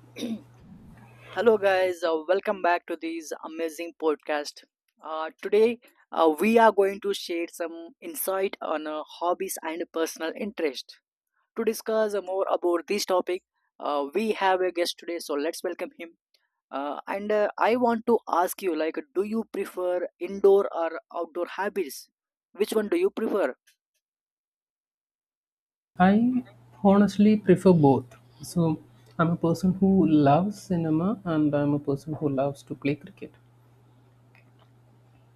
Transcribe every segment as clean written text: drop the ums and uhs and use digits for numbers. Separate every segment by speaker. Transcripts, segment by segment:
Speaker 1: Hello, guys. Welcome back to this amazing podcast. Today, we are going to share some insight on hobbies and personal interest. To discuss more about this topic, we have a guest today, so let's welcome him. And I want to ask you, like, do you prefer indoor or outdoor habits? Which one do you prefer?
Speaker 2: I honestly prefer both. So I'm a person who loves cinema and I'm a person who loves to play cricket.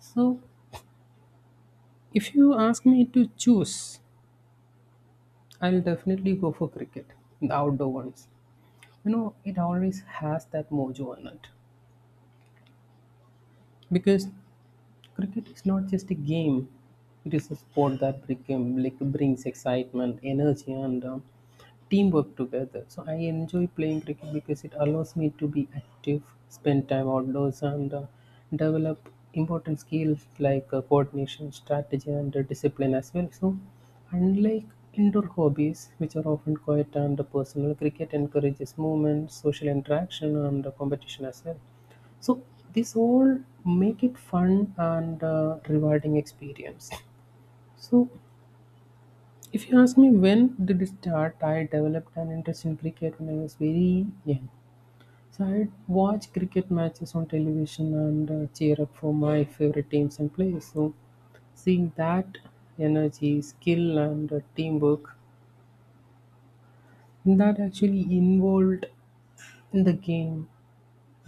Speaker 2: So if you ask me to choose, I'll definitely go for cricket, the outdoor ones. You know, it always has that mojo in it. Because cricket is not just a game, it is a sport that became, like, brings excitement, energy, and teamwork together. So I enjoy playing cricket because it allows me to be active, spend time outdoors, and develop important skills like coordination, strategy, and discipline as well. So, unlike indoor hobbies, which are often quiet and personal, cricket encourages movement, social interaction, and competition as well. So this all make it fun and rewarding experience. So if you ask me when did it start, I developed an interest in cricket when I was very young. So I'd watch cricket matches on television and cheer up for my favorite teams and players. So seeing that energy, skill, and teamwork that actually involved in the game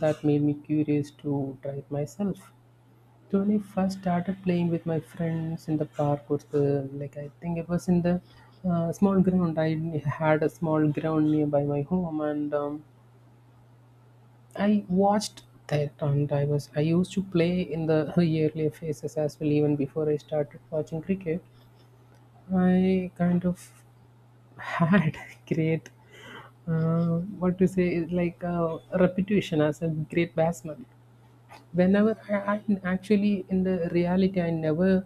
Speaker 2: that made me curious to try it myself. When I first started playing with my friends in the park was the like I think it was in the small ground. I had a small ground nearby my home, and I watched that, and I used to play in the earlier phases as well. Even before I started watching cricket, I kind of had great what to say like reputation as a great batsman. Whenever I am actually in the reality, I never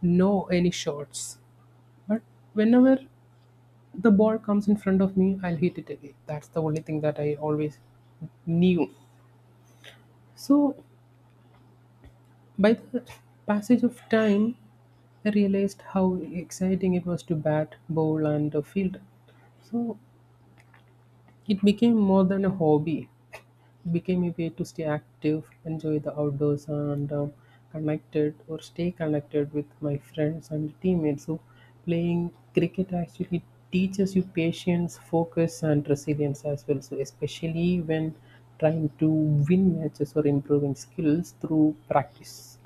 Speaker 2: know any shots. But whenever the ball comes in front of me, I'll hit it again. That's the only thing that I always knew. So, by the passage of time, I realized how exciting it was to bat, bowl, and field. So, it became more than a hobby. It became a way to stay active, enjoy the outdoors, and connected or stay connected with my friends and teammates. So, playing cricket actually teaches you patience, focus, and resilience as well. So, especially when trying to win matches or improving skills through practice.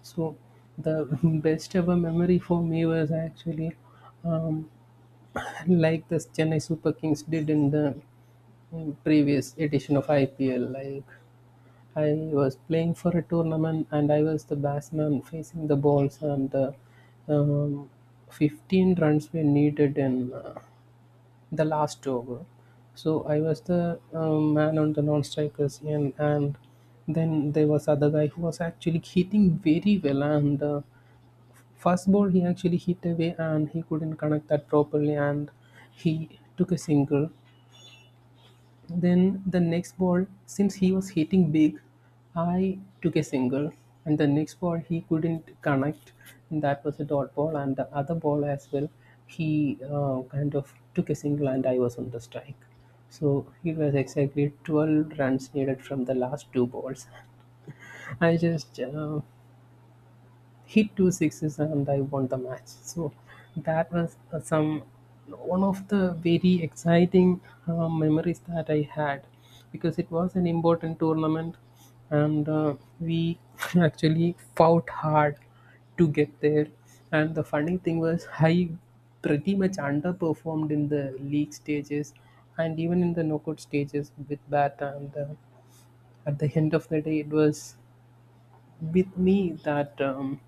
Speaker 2: So, the best ever memory for me was actually um, like the Chennai Super Kings did in the previous edition of IPL. Like I was playing for a tournament and I was the batsman facing the balls and um, 15 runs were needed in the last over. So I was the man on the non-strikers end and then there was other guy who was actually hitting very well and first ball he actually hit away and he couldn't connect that properly and he took a single, then the next ball, since he was hitting big, I took a single, and the next ball he couldn't connect, and that was a dot ball, and the other ball as well. He kind of took a single, and I was on the strike. So it was exactly 12 runs needed from the last two balls. I just hit two sixes and I won the match. So that was some one of the very exciting memories that I had because it was an important tournament and we actually fought hard to get there. And the funny thing was, I pretty much underperformed in the league stages and even in the knockout stages with that. And At the end of the day, it was with me that.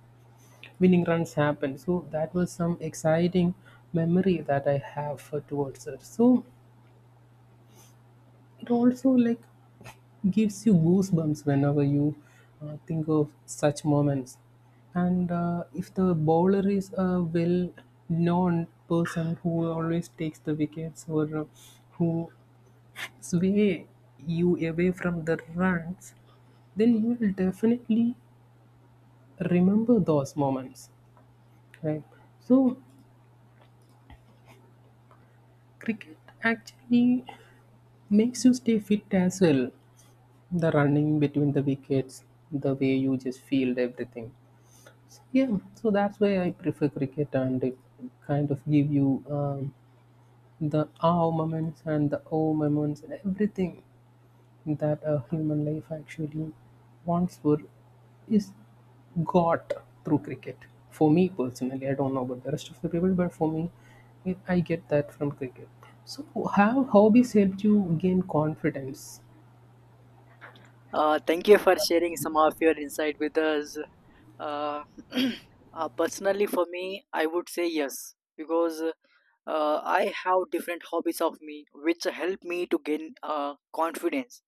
Speaker 2: Winning runs happen. So that was some exciting memory that I have for towards it. So it also like gives you goosebumps whenever you think of such moments. And If the bowler is a well-known person who always takes the wickets or who sway you away from the runs, then you will definitely remember those moments, right? So cricket actually makes you stay fit as well. The running between the wickets, the way you just field everything. Yeah, so that's why I prefer cricket, and it kind of give you the ah moments and the oh moments and everything that a human life actually wants for is got through cricket. For me personally, I don't know about the rest of the people, but for me, I get that from cricket. So, have hobbies helped you gain confidence?
Speaker 1: Thank you for sharing some of your insight with us. Uh, personally, for me, I would say yes because I have different hobbies of me which help me to gain confidence.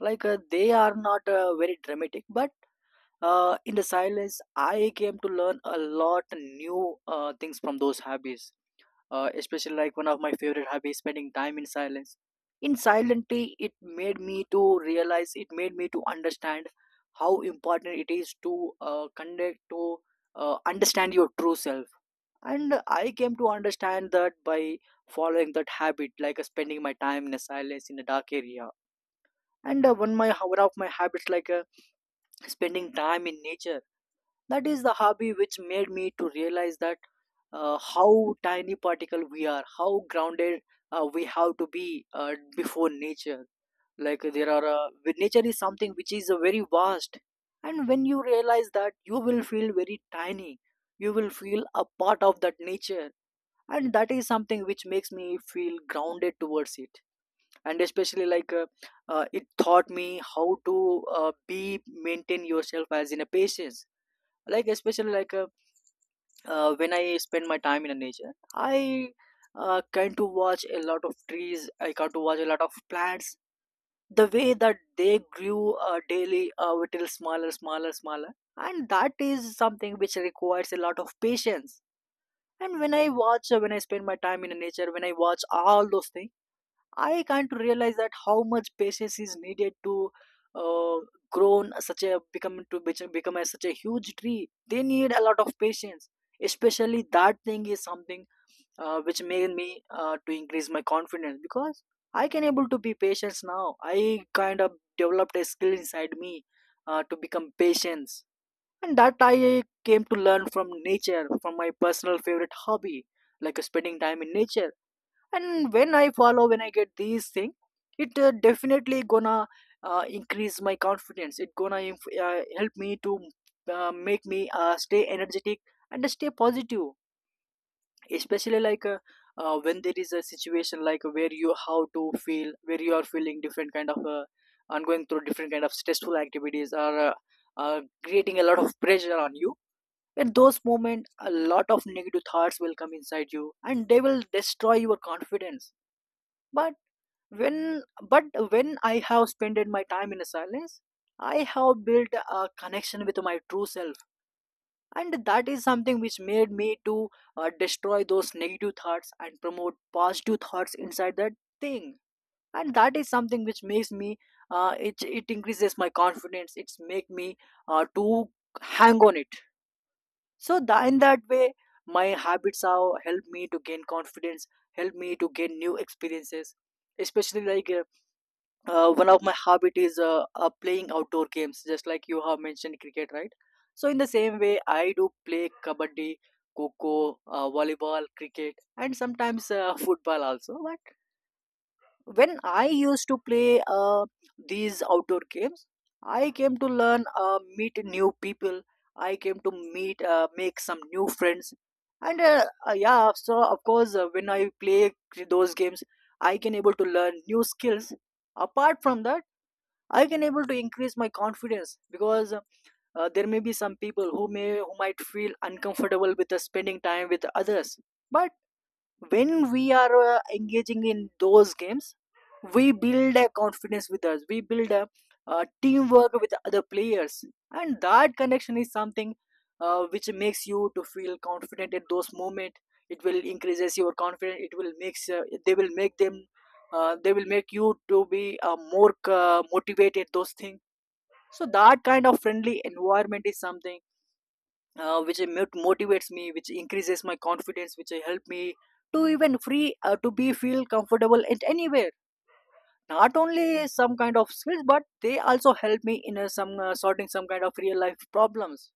Speaker 1: Like they are not very dramatic, but in the silence, I came to learn a lot new things from those hobbies, especially like one of my favorite hobbies spending time in silence in silently. It made me to realize, it made me to understand how important it is to connect to understand your true self. And I came to understand that by following that habit, like spending my time in a silence in a dark area. And one of my habits, like spending time in nature, that is the hobby which made me to realize that how tiny particle we are, how grounded we have to be before nature. Like there are with nature is something which is very vast, and when you realize that, you will feel very tiny, you will feel a part of that nature, and that is something which makes me feel grounded towards it. And especially like it taught me how to be maintain yourself as in a patience. Like especially like when I spend my time in the nature, I can to watch a lot of trees. I can to watch a lot of plants. The way that they grew daily, little smaller, smaller, smaller, and that is something which requires a lot of patience. And when I watch, when I spend my time in the nature, when I watch all those things, I can't realize that how much patience is needed to uh, grow on such a become to become become a, such a huge tree. They need a lot of patience. Especially that thing is something which made me to increase my confidence, because I can able to be patient now. I kind of developed a skill inside me to become patience, and that I came to learn from nature, from my personal favorite hobby, like spending time in nature. And when I get these thing, it definitely gonna increase my confidence, it gonna help me to make me stay energetic and stay positive. Especially like when there is a situation like where you how to feel, where you are feeling different kind of and going through different kind of stressful activities or creating a lot of pressure on you. At those moments a lot of negative thoughts will come inside you and they will destroy your confidence. But when but when I have spent my time in silence, I have built a connection with my true self, and that is something which made me to destroy those negative thoughts and promote positive thoughts inside that thing. And that is something which makes me it, it increases my confidence, it's make me to hang on it. So, in that way, my habits have helped me to gain confidence, help me to gain new experiences. Especially like one of my hobby is playing outdoor games, just like you have mentioned cricket, right? So in the same way I do play kabaddi, coco, volleyball, cricket, and sometimes football also. But when I used to play these outdoor games, I came to learn, meet new people, I came to meet, make some new friends. And yeah, so of course when I play those games, I can able to learn new skills. Apart from that, I can able to increase my confidence, because there may be some people who may, who might feel uncomfortable with the spending time with others. But when we are engaging in those games, we build a confidence with us, we build a, uh, teamwork with other players, and that connection is something which makes you to feel confident at those moment. It will increases your confidence, it will makes they will make them they will make you to be more motivated those things. So that kind of friendly environment is something which motivates me, which increases my confidence, which help me to even free to be feel comfortable at anywhere. Not only some kind of skills, but they also help me in some sorting some kind of real life problems.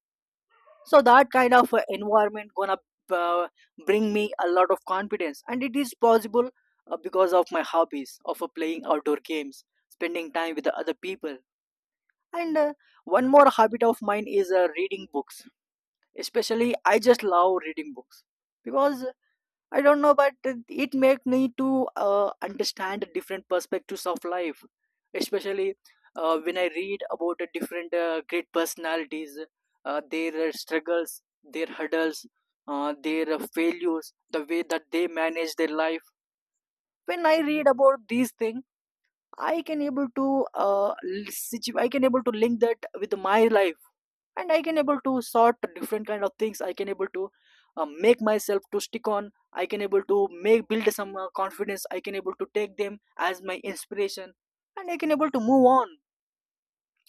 Speaker 1: So that kind of environment gonna uh, bring me a lot of confidence, and it is possible because of my hobbies of playing outdoor games, spending time with the other people. And one more habit of mine is reading books. Especially, I just love reading books, because I don't know, but it make me to understand different perspectives of life. Especially when I read about the different great personalities, their struggles, their hurdles, their failures, the way that they manage their life. When I read about these things, I can able to I can able to link that with my life, and I can able to sort different kind of things, I can able to make myself to stick on, I can able to make build some confidence, I can able to take them as my inspiration, and I can able to move on.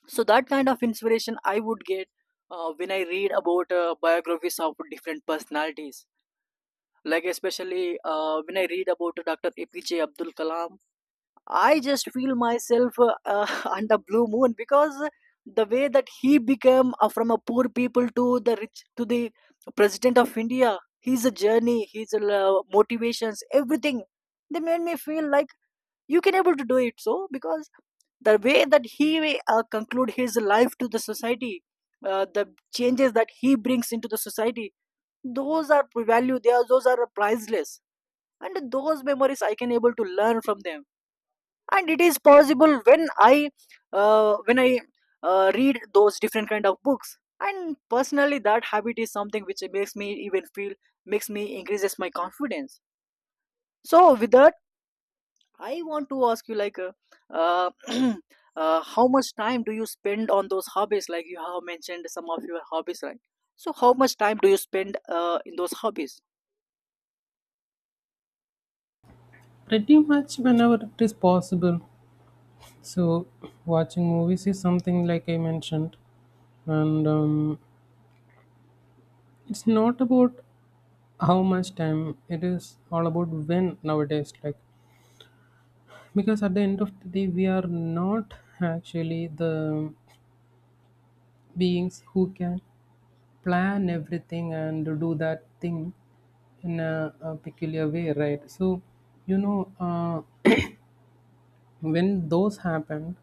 Speaker 1: So that kind of inspiration I would get when I read about biographies of different personalities. Like especially when I read about Dr. APJ Abdul Kalam, I just feel myself under blue moon, because the way that he became from a poor people to the rich to the president of India, his journey, his motivations, everything, they made me feel like you can able to do it. So because the way that he conclude his life to the society, the changes that he brings into the society, those are value, they are, those are priceless, and those memories I can able to learn from them. And it is possible when I uh, when i read those different kind of books. And personally that habit is something which makes me even feel, makes me increases my confidence. So with that, I want to ask you, like uh, how much time do you spend on those hobbies? Like you have mentioned some of your hobbies, right? So how much time do you spend in those hobbies?
Speaker 2: Pretty much whenever it is possible. So, watching movies is something like I mentioned, and it's not about how much time it is all about when nowadays. Like, because at the end of the day, we are not actually the beings who can plan everything and do that thing in a peculiar way, right? So, you know, when those happened,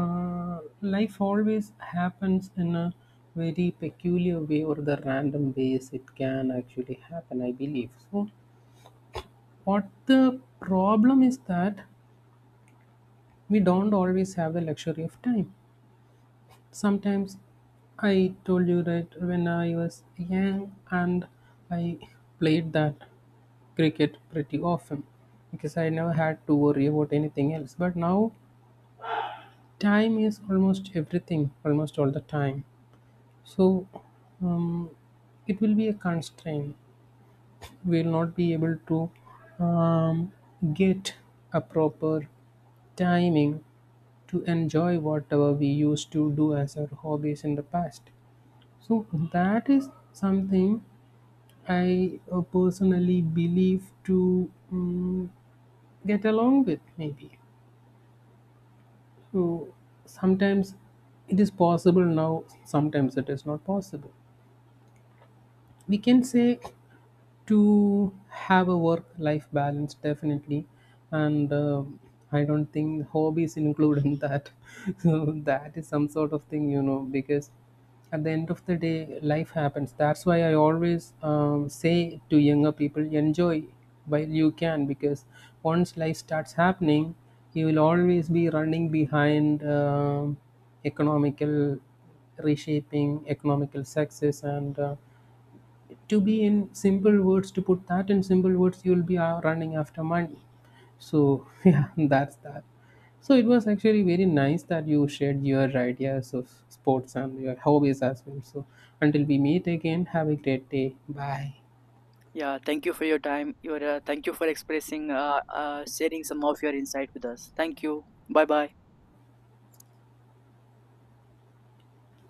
Speaker 2: Life always happens in a very peculiar way or the random ways it can actually happen, I believe. So, what the problem is that we don't always have the luxury of time. Sometimes I told you that when I was young and I played that cricket pretty often because I never had to worry about anything else. But now, time is almost everything, almost all the time. So um, it will be a constraint. We will not be able to um, get a proper timing to enjoy whatever we used to do as our hobbies in the past. So that is something I personally believe to get along with, maybe. So sometimes it is possible now, sometimes it is not possible. We can say to have a work life balance definitely and I don't think hobbies include in that. So that is some sort of thing, you know, because at the end of the day life happens. That's why I always say to younger people, enjoy while you can, because once life starts happening you will always be running behind economical, reshaping economical success and to be in simple words, to put that in simple words, you'll be running after money. So yeah, that's that. So it was actually very nice that you shared your ideas of sports and your hobbies as well. So until we meet again, have a great day. Bye.
Speaker 1: Yeah, thank you for your time, your thank you for expressing sharing some of your insight with us. Thank you. Bye bye.